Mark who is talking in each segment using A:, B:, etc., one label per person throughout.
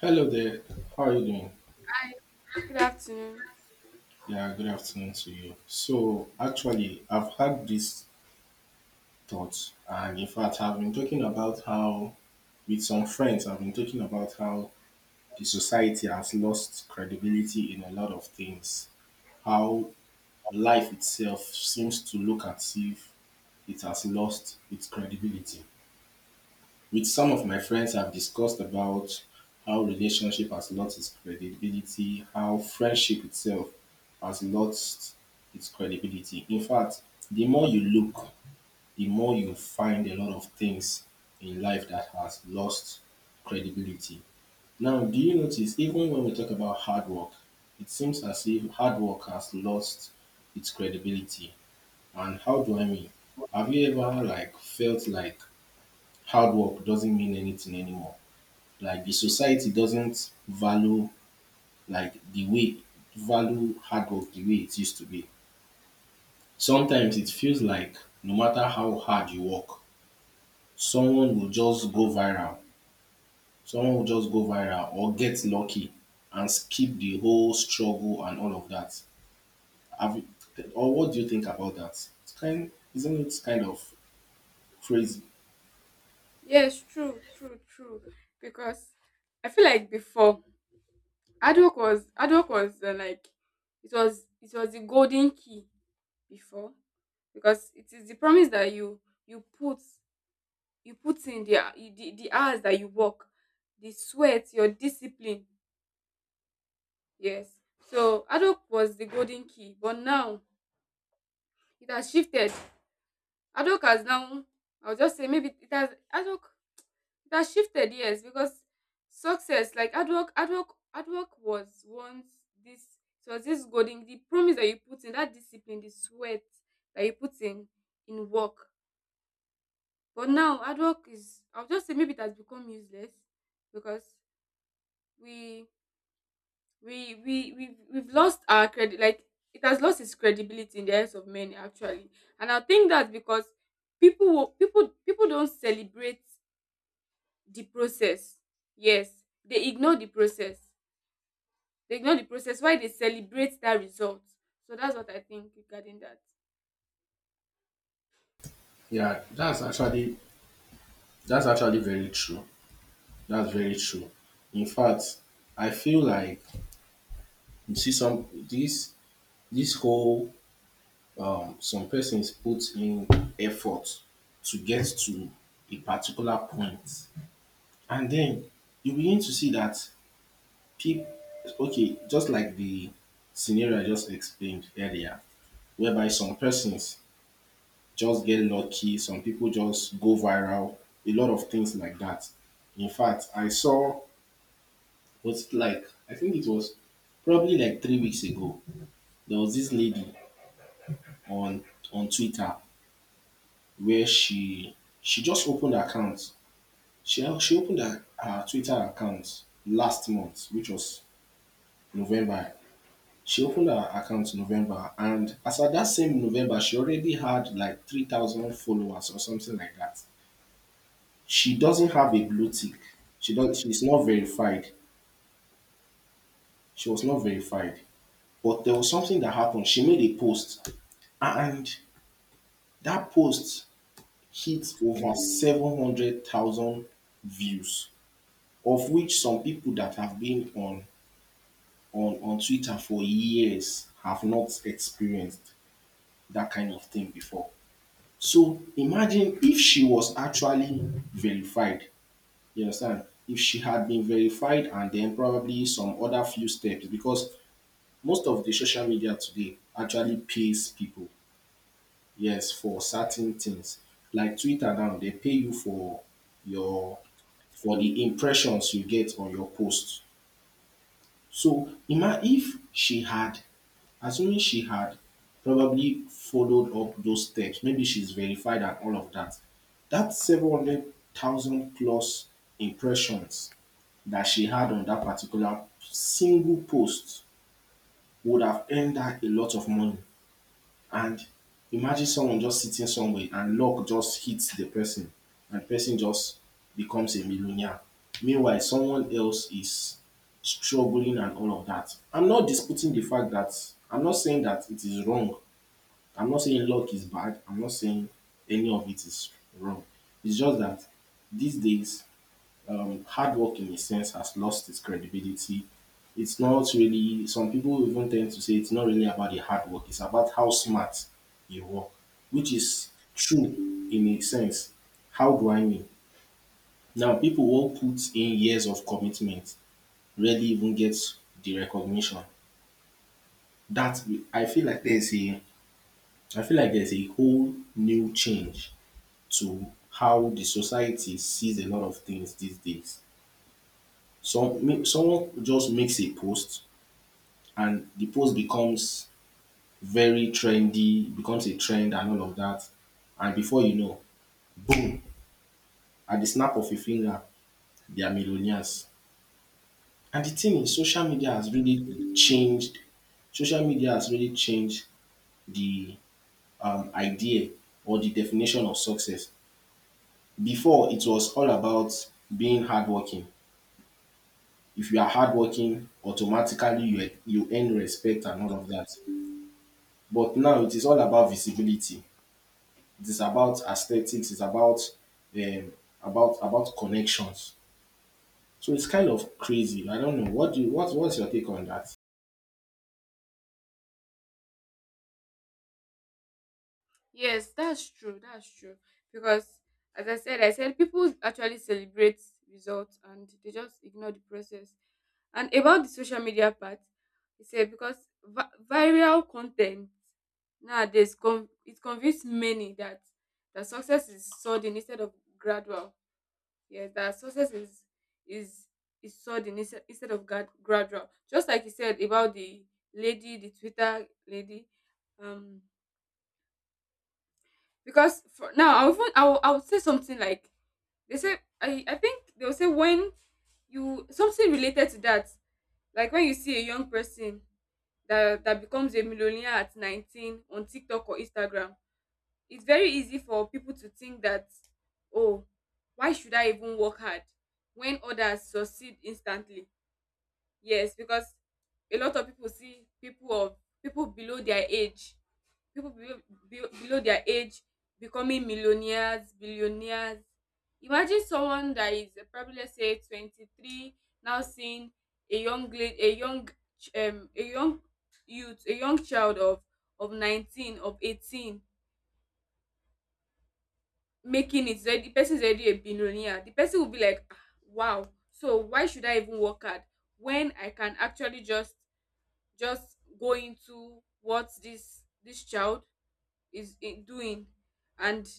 A: Hello there. How are you doing?
B: Hi, good afternoon.
A: Yeah, good afternoon to you. So, actually, I've had these thoughts, and in fact, I've been talking about how, with some friends, I've been talking about how the society has lost credibility in a lot of things. How life itself seems to look as if it has lost its credibility. With some of my friends, I've discussed about how relationship has lost its credibility, how friendship itself has lost its credibility. In fact, the more you look, the more you find a lot of things in life that has lost credibility. Now, do you notice, even when we talk about hard work, it seems as if hard work has lost its credibility? And how do I mean? Have you ever, like, felt like hard work doesn't mean anything anymore? Like the society doesn't value, like the way, value hard work the way it used to be. Sometimes it feels like no matter how hard you work, someone will just go viral. Someone will just go viral or get lucky and skip the whole struggle and all of that. Have you, or what do you think about that? Isn't it kind of crazy?
B: Yes, true, true, true. Because I feel like before hard work was like it was the golden key before, because it is the promise that you put you put in the hours that you work, the sweat, your discipline. Yes. So hard work was the golden key, but now it has shifted. Hard work has now, I'll just say maybe it has, hard work, it has shifted, yes, because success, like hard work was once this, it was this golden, the promise that you put in, that discipline, the sweat that you put in work. But now, hard work is, I'll just say maybe it has become useless because we, we've lost our credit, like it has lost its credibility in the eyes of men, actually. And I think that's because people don't celebrate the process. Yes, they ignore the process. Why? They celebrate that result. So that's what I think regarding that.
A: Yeah, that's actually very true. That's very true. In fact, I feel like, you see some, this whole, some persons put in effort to get to a particular point, and then you begin to see that people, okay, just like the scenario I just explained earlier, whereby some persons just get lucky, some people just go viral, a lot of things like that. In fact, I saw was like, I think it was probably like 3 weeks ago, there was this lady on on Twitter, where she just opened her account. She opened her Twitter account last month, which was November. She opened her account in November, and as at that same November, she already had like 3,000 followers or something like that. She doesn't have a blue tick. She does. She's not verified. She was not verified. But there was something that happened. She made a post, and that post hit over 700,000 views, of which some people that have been on on Twitter for years have not experienced that kind of thing before. So imagine if she was actually verified, you understand? If she had been verified and then probably some other few steps, because most of the social media today actually pays people, yes, for certain things. Like Twitter now, they pay you your for the impressions you get on your post. So ima if she had, assuming she had probably followed up those steps, maybe she's verified and all of that, that 700,000 plus impressions that she had on that particular single post would have earned her a lot of money. And imagine someone just sitting somewhere and luck just hits the person, and person just becomes a millionaire. Meanwhile, someone else is struggling and all of that. I'm not disputing the fact that I'm not saying that it is wrong. I'm not saying luck is bad. I'm not saying any of it is wrong. It's just that these days, hard work in a sense has lost its credibility. It's not really, some people even tend to say it's not really about the hard work, it's about how smart you work, which is true in a sense. How do I mean? Now, people who put in years of commitment rarely even get the recognition. That I feel like there's a, I feel like there's a whole new change to how the society sees a lot of things these days. Someone just makes a post, and the post becomes very trendy, becomes a trend and all of that. And before you know, at the snap of a finger, they are millionaires. And the thing is, social media has really changed. Social media has really changed the idea, or the definition of success. Before, it was all about being hardworking. If you are hardworking, automatically you earn respect and all of that. But now it is all about visibility. It is about aesthetics, it's um about connections. So it's kind of crazy. I don't know, what's your take on that?
B: Yes, that's true, that's true, because as I said, people actually celebrate results and they just ignore the process. And about the social media part, he said, because viral content nowadays, it convinces many that success is sudden instead of gradual. Yes, that success is is sudden instead of gradual. Just like you said about the lady, the Twitter lady. Um, because for now, I would say something like they say. I think they'll say when you, something related to that, like when you see a young person that becomes a millionaire at 19 on TikTok or Instagram. It's very easy for people to think that, oh, why should I even work hard when others succeed instantly? Yes, because a lot of people see people of, people below their age, people below, below their age becoming millionaires, billionaires. Imagine someone that is probably, let's say, 23 now seeing a young lady, a young a young youth, a young child of 19, of 18, making it already, the person is already a billionaire. The person will be like, "Ah, wow, so why should I even work hard when I can actually just go into what this child is doing?" And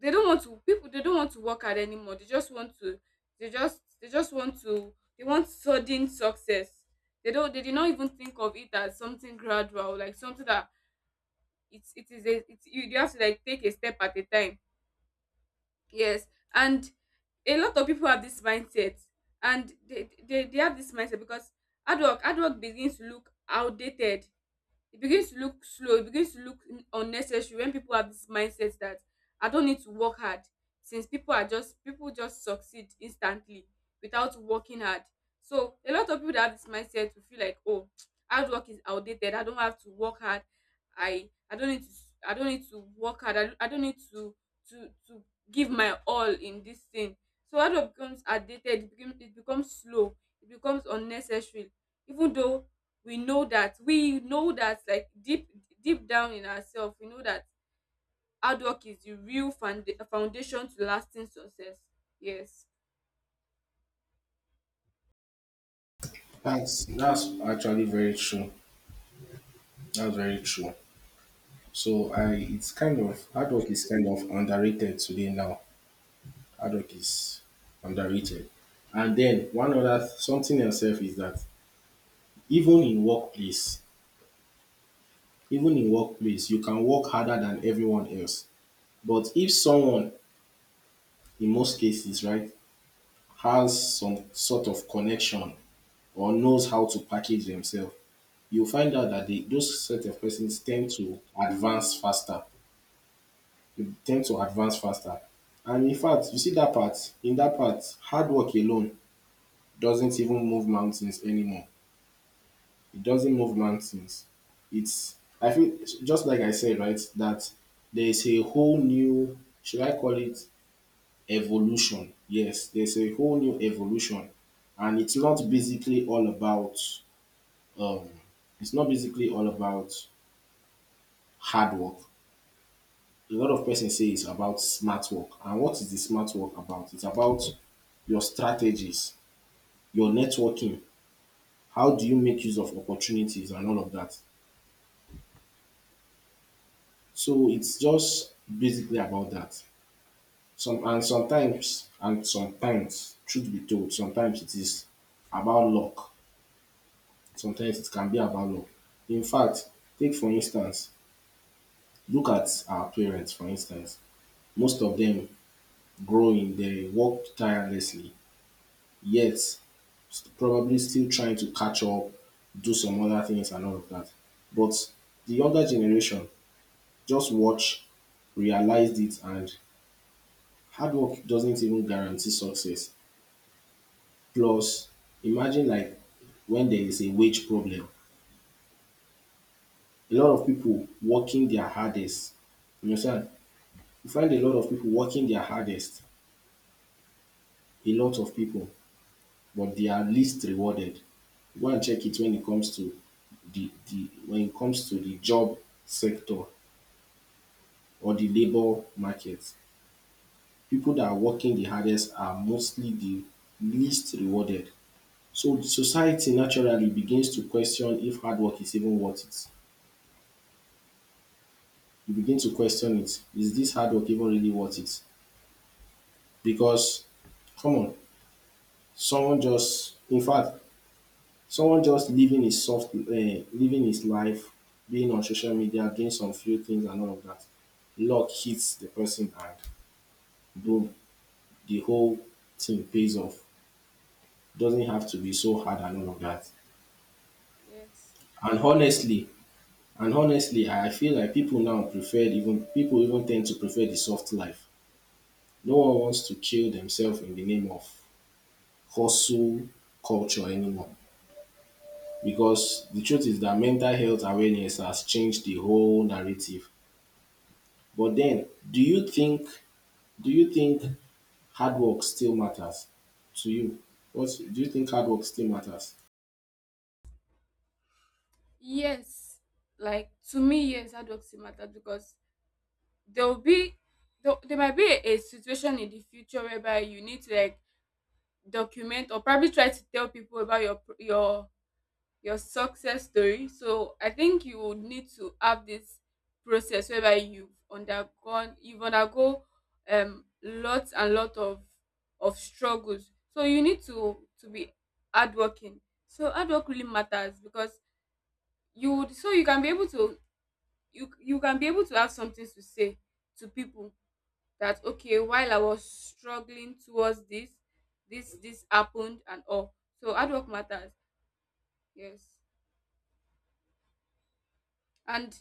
B: they don't want to, people, they don't want to work hard anymore. They just want to, they just want to, they want sudden success. They don't, they did not even think of it as something gradual, like something that, it's, it is a, it's, you have to like take a step at a time. Yes, and a lot of people have this mindset, and they have this mindset because hard work begins to look outdated. It begins to look slow. It begins to look unnecessary when people have this mindset that I don't need to work hard since people just succeed instantly without working hard. So a lot of people that have this mindset will feel like, oh, hard work is outdated. I don't have to work hard. I don't need to s- I don't need to work hard. I don't need to give my all in this thing. So hard work becomes outdated. It becomes slow. It becomes unnecessary. Even though we know that like deep down in ourselves we know that hard work is the real foundation to lasting success. Yes.
A: That's actually very true. That's very true. So, I it's kind of, hard work is kind of underrated today. Now, hard work is underrated. And then one other something else sef is that, even in workplace even in workplace you can work harder than everyone else, but if someone, in most cases, right, has some sort of connection or knows how to package themselves, you'll find out that those set of persons tend to advance faster. They tend to advance faster. And in fact, you see that part, in that part, hard work alone doesn't even move mountains anymore. It doesn't move mountains. It's, I feel, just like I said, right, that there is a whole new, should I call it, evolution. Yes, there's a whole new evolution, and it's not basically all about, um, it's not basically all about hard work. A lot of persons say it's about smart work, and what is the smart work about? It's about your strategies, your networking. How do you make use of opportunities and all of that? So it's just basically about that. Sometimes, truth be told, sometimes it is about luck. Sometimes it can be a value. In fact, take for instance, look at our parents for instance. Most of them growing, they worked tirelessly, yet probably still trying to catch up, do some other things and all of that. But the younger generation, just watch, realized it, and hard work doesn't even guarantee success. Plus, imagine, like, when there is a wage problem, a lot of people working their hardest, you understand, you find a lot of people working their hardest, a lot of people, but they are least rewarded. Go and check it when it comes to the job sector or the labor market. People that are working the hardest are mostly the least rewarded. So society naturally begins to question if hard work is even worth it. You begin to question it. Is this hard work even really worth it? Because come on, someone just in fact, someone just living his soft, living his life, being on social media, doing some few things and all of that, luck hits the person and boom, the whole thing pays off. Doesn't have to be
B: True.
A: so hard and all of that.
B: Yes.
A: and
B: True.
A: honestly and honestly I feel like people now prefer, even people even tend to prefer the soft life. No one wants to kill themselves in the name of hustle culture anymore, because the truth is that mental health awareness has changed the whole narrative. But then, do you think hard work still matters to you? What do you think, hard work still matters?
B: Yes. Like to me, yes, hard work still matters because there will be there might be a situation in the future whereby you need to like document or probably try to tell people about your your success story. So I think you would need to have this process whereby you've undergone you've undergo lots and lot of struggles. So you need to be hardworking. So hard work really matters, because you would so you can be able to you you can be able to have something to say to people that, okay, while I was struggling towards this. This happened and all. So hard work matters. Yes. And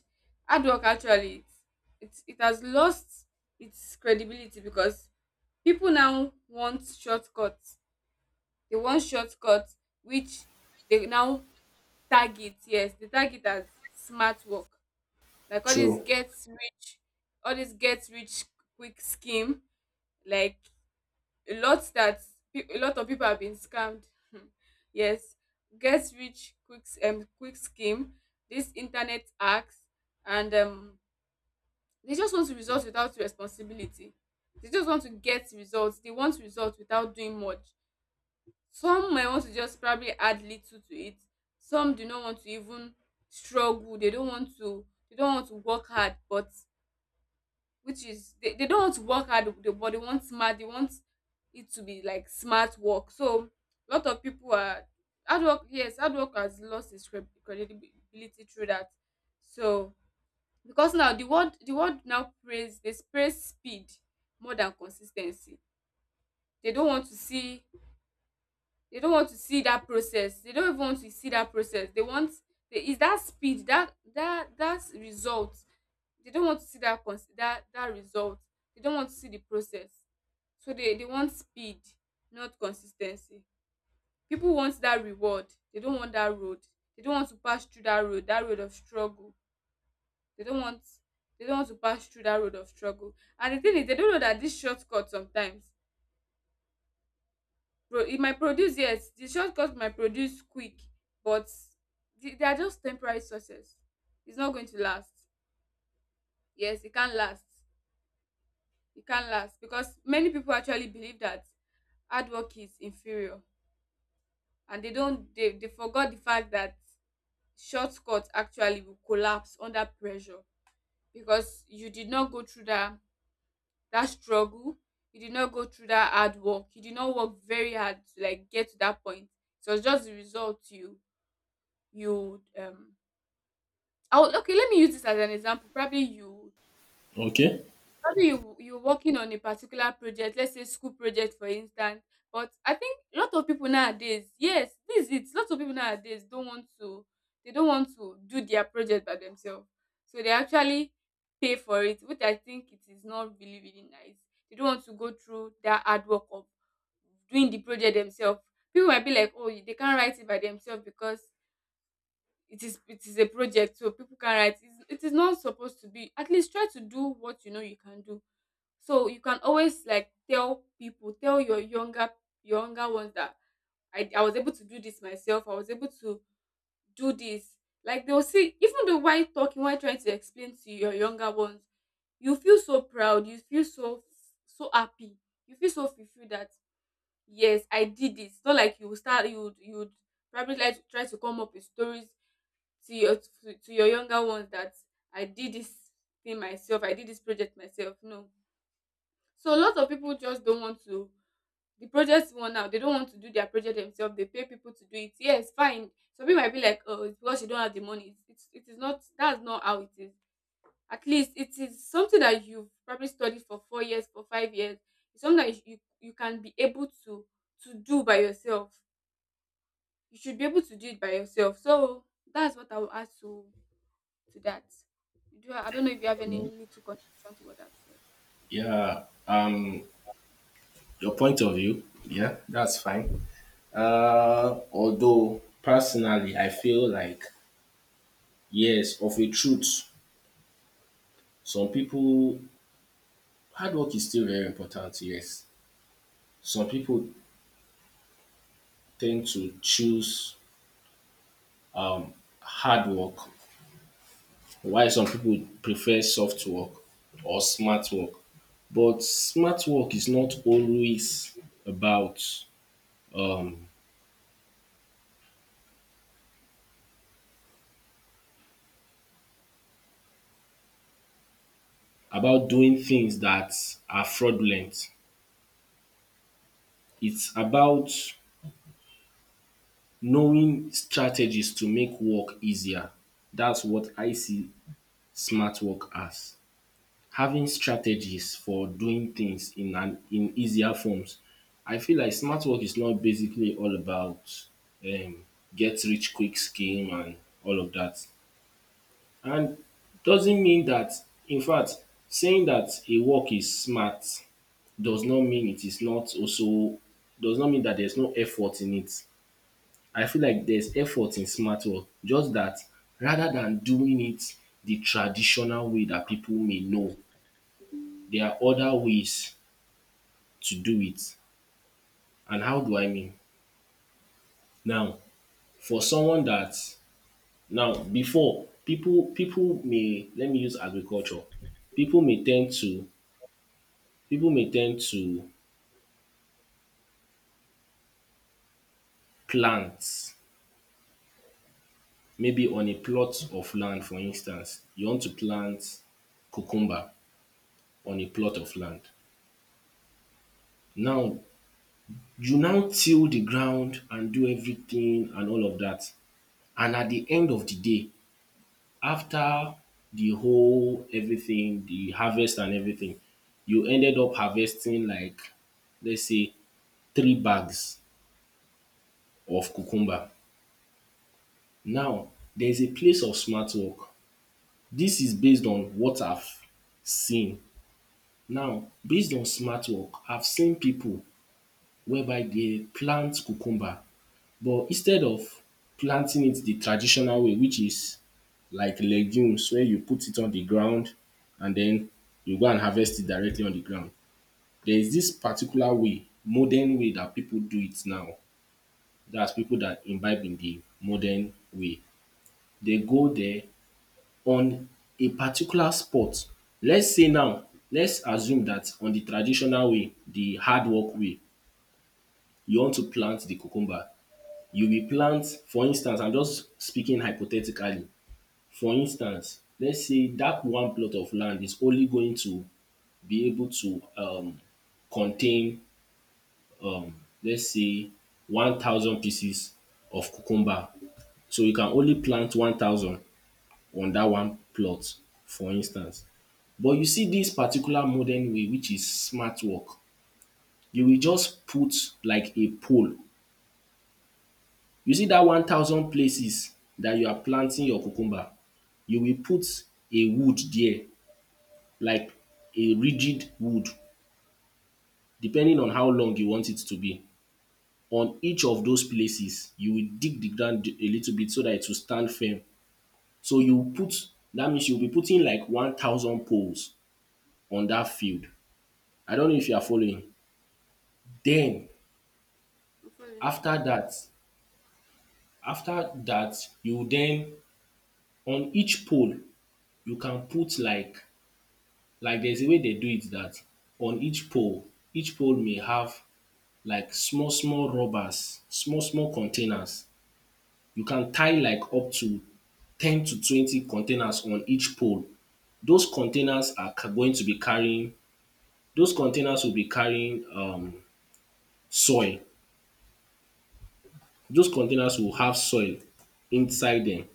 B: hard work actually, it has lost its credibility because people now want shortcuts, which they now target, yes, they target as smart work, like all this
A: True.
B: gets rich all this gets rich quick scheme. Like, a lot that a lot of people have been scammed. Yes, gets rich quick quick scheme, this internet hacks, and they just want results without responsibility. They just want to get results. They want results without doing much. Some might want to just probably add little to it. Some do not want to even struggle. They don't want to work hard, but, which is, they don't want to work hard, but they want smart, they want it to be like smart work. So a lot of people are hard work, yes, hard work has lost its credibility through that. So, because now the world now praise, they praise speed more than consis ten cy. They don't want to see they don't want to see that process. They don't even want to see that process. They want, they, it's that speed, that, that result. They don't want to see that cons that result. They don't want to see the process. So they want speed, not consis ten cy. People want that reward. They don't want that road. They don't want to pass through that road of struggle. They don't want they don't want to pass through that road of struggle. And the thing is, they don't know that this shortcut sometimes, pro it might produce, yes, the shortcut might produce quick, but they are just temporary success. It's not going to last. Yes, it can't last. It can't last because many people actually believe that hard work is inferior, and they don't they forgot the fact that shortcut actually will collapse under pressure because you did not go through that struggle. You did not go through that hard work. You did not work very hard to like get to that point. So it's just the result you I would, okay, let me use this as an example. Probably you,
A: Okay.
B: probably you're working on a particular project, let's say school project, for instance. But I think a lot of people nowadays, yes, this is it. Lots of people nowadays don't want to do their project by themselves. So they actually pay for it, which I think it is not really, really nice. They don't want to go through that hard work of doing the project themselves. People might be like, oh, they can't write it by themselves because it is a project, so people can write. It is not supposed to be. At least try to do what you know you can do. So you can always like tell people, tell your younger ones that I was able to do this myself. I was able to do this. Like, they'll see, even though while talking, while trying to explain to your younger ones, you feel so proud. You feel so happy. You feel so fulfilled that, yes, I did this. It's not like you will start. You would probably like to try to come up with stories to your, to your younger ones that I did this thing myself. I did this project myself. No. So a lot of people just don't want to, the project one now, they don't want to do their project themselves. They pay people to do it. Yes, fine. Some people might be like, oh, it's because you don't have the money. It's it is not, that's not how it is. At least it is something that you've probably studied for 4 years, for 5 years. It's something that you can be able to do by yourself. You should be able to do it by yourself. So that's what I will add to that. You do I don't know if you have any little contribution to what I've said.
A: Yeah. Your point of view. Yeah, that's fine. Although personally, I feel like, yes, of a truth, some people hard work is still very important. Yes, some people tend to choose hard work. Why some people prefer soft work or smart work. But smart work is not always about, um about doing things that are fraudulent. It's about knowing strategies to make work easier. That's what I see smart work as. Having strategies for doing things in an in easier forms. I feel like smart work is not basically all about, um, get rich quick scheme and all of that. And doesn't mean that, in fact, saying that a work is smart does not mean it is not also does not mean that there's no effort in it. I feel like there's effort in smart work, just that, rather than doing it the traditional way that people may know, there are other ways to do it. And how do I mean? Now, for someone that now before people people may let me use agriculture. People may tend to people may tend to plant maybe on a plot of land, for instance. You want to plant cucumber on a plot of land. Now you now till the ground and do everything and all of that. And at the end of the day, after the whole everything, the harvest and everything, you ended up harvesting like, let's say, three bags of cucumber. Now there is a place of smart work. This is based on what I've seen. Now, based on smart work, I've seen people whereby they plant cucumber. But instead of planting it the traditional way, which is like legumes, where you put it on the ground, and then you go and harvest it directly on the ground. There is this particular way, modern way, that people do it now. That's people that imbibe in the modern way. They go there on a particular spot. Let's say now, let's assume that on the traditional way, the hard work way, you want to plant the cucumber. You will plant, for instance, I am just speaking hypothetically, for instance, let's say that one plot of land is only going to be able to contain, let's say, 1,000 pieces of cucumber, so you can only plant 1,000 on that one plot, for instance. But you see this particular modern way which is smart work, you will just put like a pole. You see that 1,000 places that you are planting your cucumber, you will put a wood there, like a rigid wood, depending on how long you want it to be. On each of those places, you will dig the ground a little bit so that it will stand firm. So you put, that means you will be putting like 1,000 poles on that field. I don't know if you are following. Then
B: I'm following.
A: after that, after that, you then on each pole you can put like there's a way they do it that on each pole may have like small, small rubbers, small, small containers. You can tie like up to 10 to 20 containers on each pole. Those containers are ca- Going to be carrying, those containers will be carrying soil. Those containers will have soil inside them.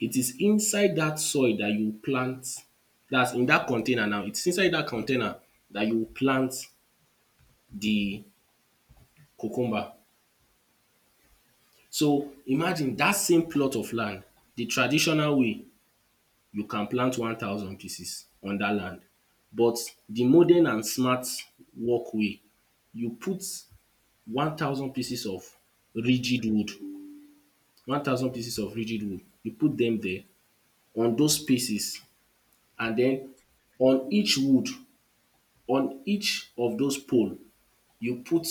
A: It is inside that soil that you plant, that's in that container now, it's inside that container that you plant the cucumber. So imagine dat same plot of land, de traditional way you can plant 1,000 pieces on dat land, but de modern and smart work way, you put 1,000 pieces of rigid wood, 1,000 pieces of rigid wood you put dem there on those spaces, and den on each wood, on each of those pole you put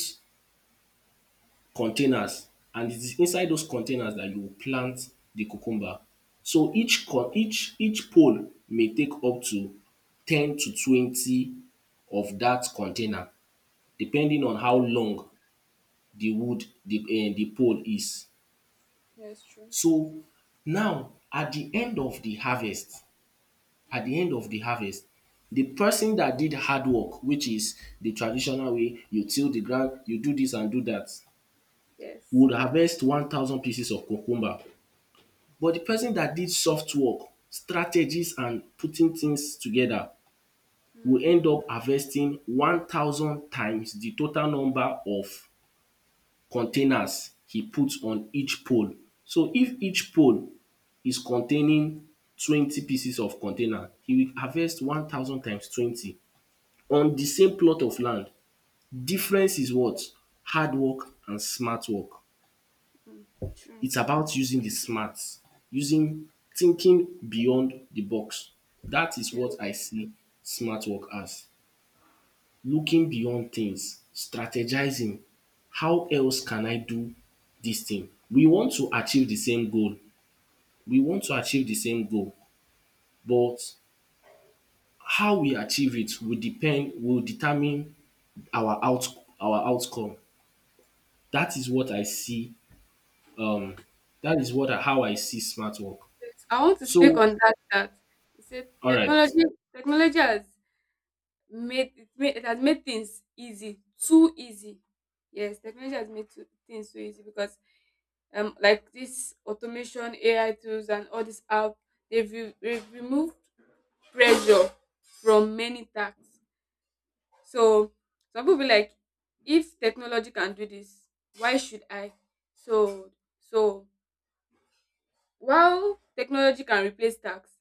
A: containers, and it is inside those containers that you will plant the cucumber. So each con each pole may take up to 10 to 20 of that container, depending on how
B: Yeah,
A: long the wood, the pole is.
B: yeah, it's true.
A: So now at the end of the harvest, at the end of the harvest, the person that did hard work, which is the traditional way, you till the ground, you do this and do that,
B: Yes.
A: would harvest 1,000 pieces of cucumber. But the person
B: Hmm.
A: that did soft work, strategies and putting things together, will
B: Mm,
A: end up harvesting 1,000 times the total number of containers he put on each pole. So if each pole is containing 20 pieces of container, he will harvest 1,000 times 20 on the same plot of land. Difference is what? Hard work and smart work.
B: mm, true.
A: It's about using the smarts, using thinking beyond the box. That is
B: Yeah,
A: what I see smart work as. Looking beyond things, strategizing. How else can I do this thing? We want to achieve the same goal. We want to achieve the same goal, but how we achieve it will depend will determine our out our outcome. That is what I see. Um, that is what I, how I see smart work.
B: I want to speak
A: So,
B: on that. That you said
A: all right.
B: technology, has made it has made things easy, too easy. Yes, technology has made too, things too easy because like this automation, AI tools, and all this app, they've removed pressure from many tasks. So some people be like, if technology can do this, why should I? So so while technology can replace tax,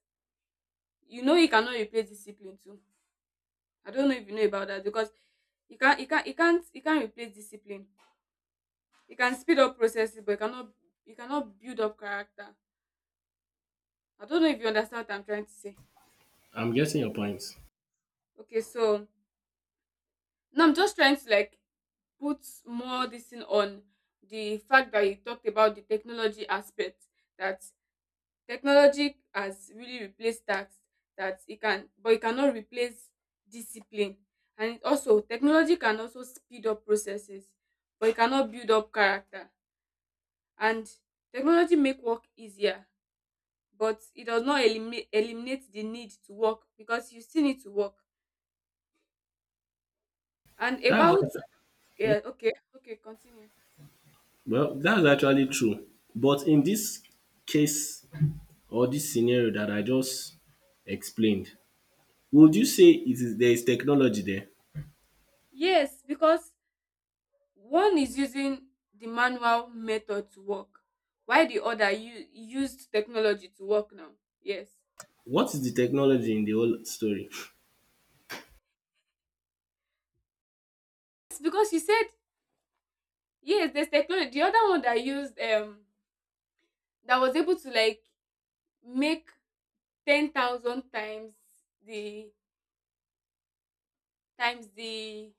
B: you know it cannot replace discipline too. I don't know if you know about that, because you can't replace discipline. You can speed up processes, but you cannot build up character. I don't know if you understand what I'm trying to say.
A: I'm getting your point.
B: Okay, so now I'm just trying to like put more this thing on the fact that you talked about the technology aspect, that technology has really replaced tasks, that it can, but it cannot replace discipline. And it also, technology can also speed up processes, but it cannot build up character. And technology make work easier, but it does not eliminate the need to work, because you still need to work. And
A: That's
B: about,
A: actu-
B: yeah, okay, okay, continue.
A: well, that's actually true. But in this case or this scenario that I just explained, would you say it is there is technology there?
B: Yes, because one is using the manual method to work while the other used technology to work now. Yes.
A: What is the technology in the whole story?
B: It's because you said, yes, there's technology. The other one that used that was able to like make 10,000 the times the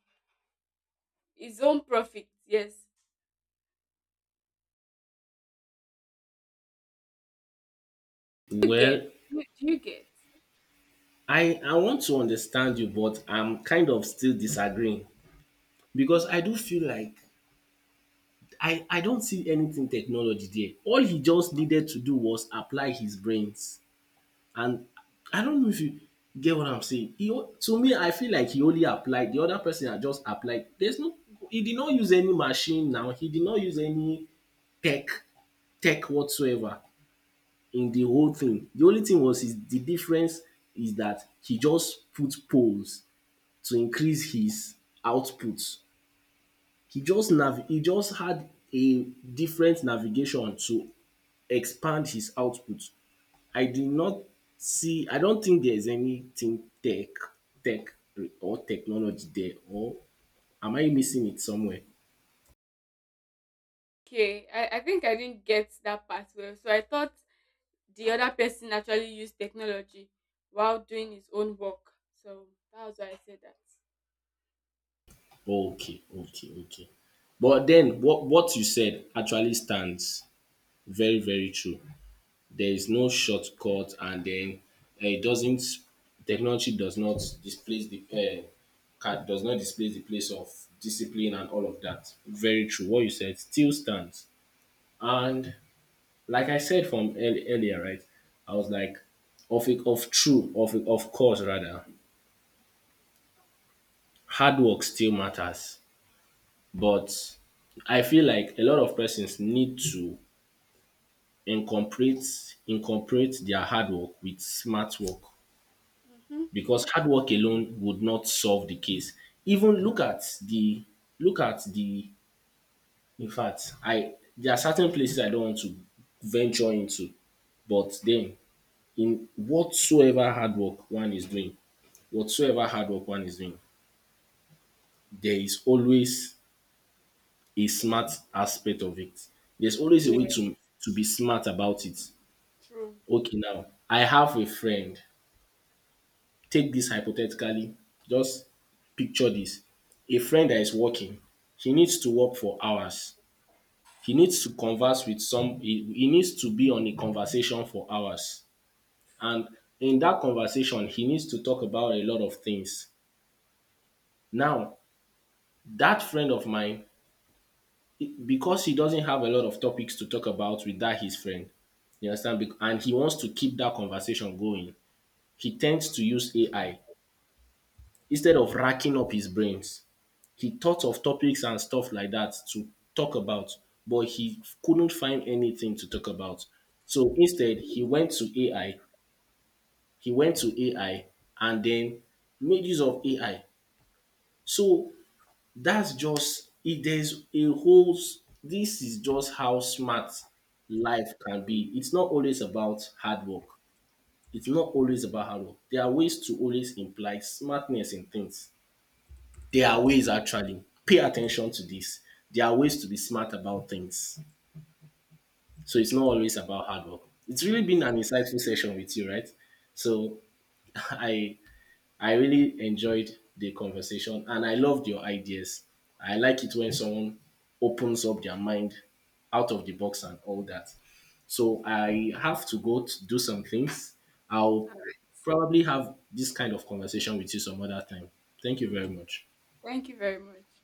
B: his own profit. Yes. Do you get?
A: Well,
B: Do you get?
A: I want to understand you, but I'm kind of still disagreeing because I do feel like I don't see anything technology there. All he just needed to do was apply his brains. And I don't know if you get what I'm saying. To me, I feel like he only applied. The other person had just applied. There's no, he did not use any machine now. He did not use any tech, tech whatsoever in the whole thing. The only thing was is the difference is that he just put polls to increase his output. He just had a different navigation to expand his output. I did not see I don't think there's anything tech tech or technology there, or am I missing it somewhere?
B: Okay. I think I didn't get that part well. So I thought the other person actually used technology while doing his own work. So that was why I said that.
A: Oh, okay, okay, okay. But then what you said actually stands very, very true. There is no shortcut, and then it doesn't, technology does not displace the does not displace the place of discipline and all of that. Very true. What you said still stands. And like I said from earlier, right? I was like, of it, of true, of it, of course, rather, hard work still matters, but I feel like a lot of persons need to incorporate their hard work with smart work
B: Mm-hmm.
A: because hard work alone would not solve the case. Even
B: True.
A: look at the in fact, I there are certain places I don't want to venture into, but then in whatsoever hard work one is doing, whatsoever hard work one is doing, there is always a smart aspect of it. There's always a
B: Yeah,
A: way to be smart about it.
B: true.
A: Okay, now I have a friend. Take this hypothetically. Just picture this. A friend that is working, he needs to work for hours. He needs to converse with some he needs to be on a conversation for hours. And in that conversation, he needs to talk about a lot of things. Now, that friend of mine, because he doesn't have a lot of topics to talk about with that his friend, you understand? And he wants to keep that conversation going. He tends to use AI instead of racking up his brains. He thought of topics and stuff like that to talk about, but he couldn't find anything to talk about. So instead, he went to AI. He went to AI and then made use of AI. So that's just it. There's a whole. S- This is just how smart life can be. It's not always about hard work. It's not always about hard work. There are ways to always imply smartness in things. There are ways actually. Pay attention to this. There are ways to be smart about things. So it's not always about hard work. It's really been an insightful session with you, right? So I I really enjoyed the conversation and I loved your ideas. I like it when someone opens up their mind out of the box and all that. So I have to go to do some things. I'll
B: All
A: probably have this kind of conversation with you some other time. Thank
B: right.
A: you very
B: Okay.
A: much.
B: Thank you very much.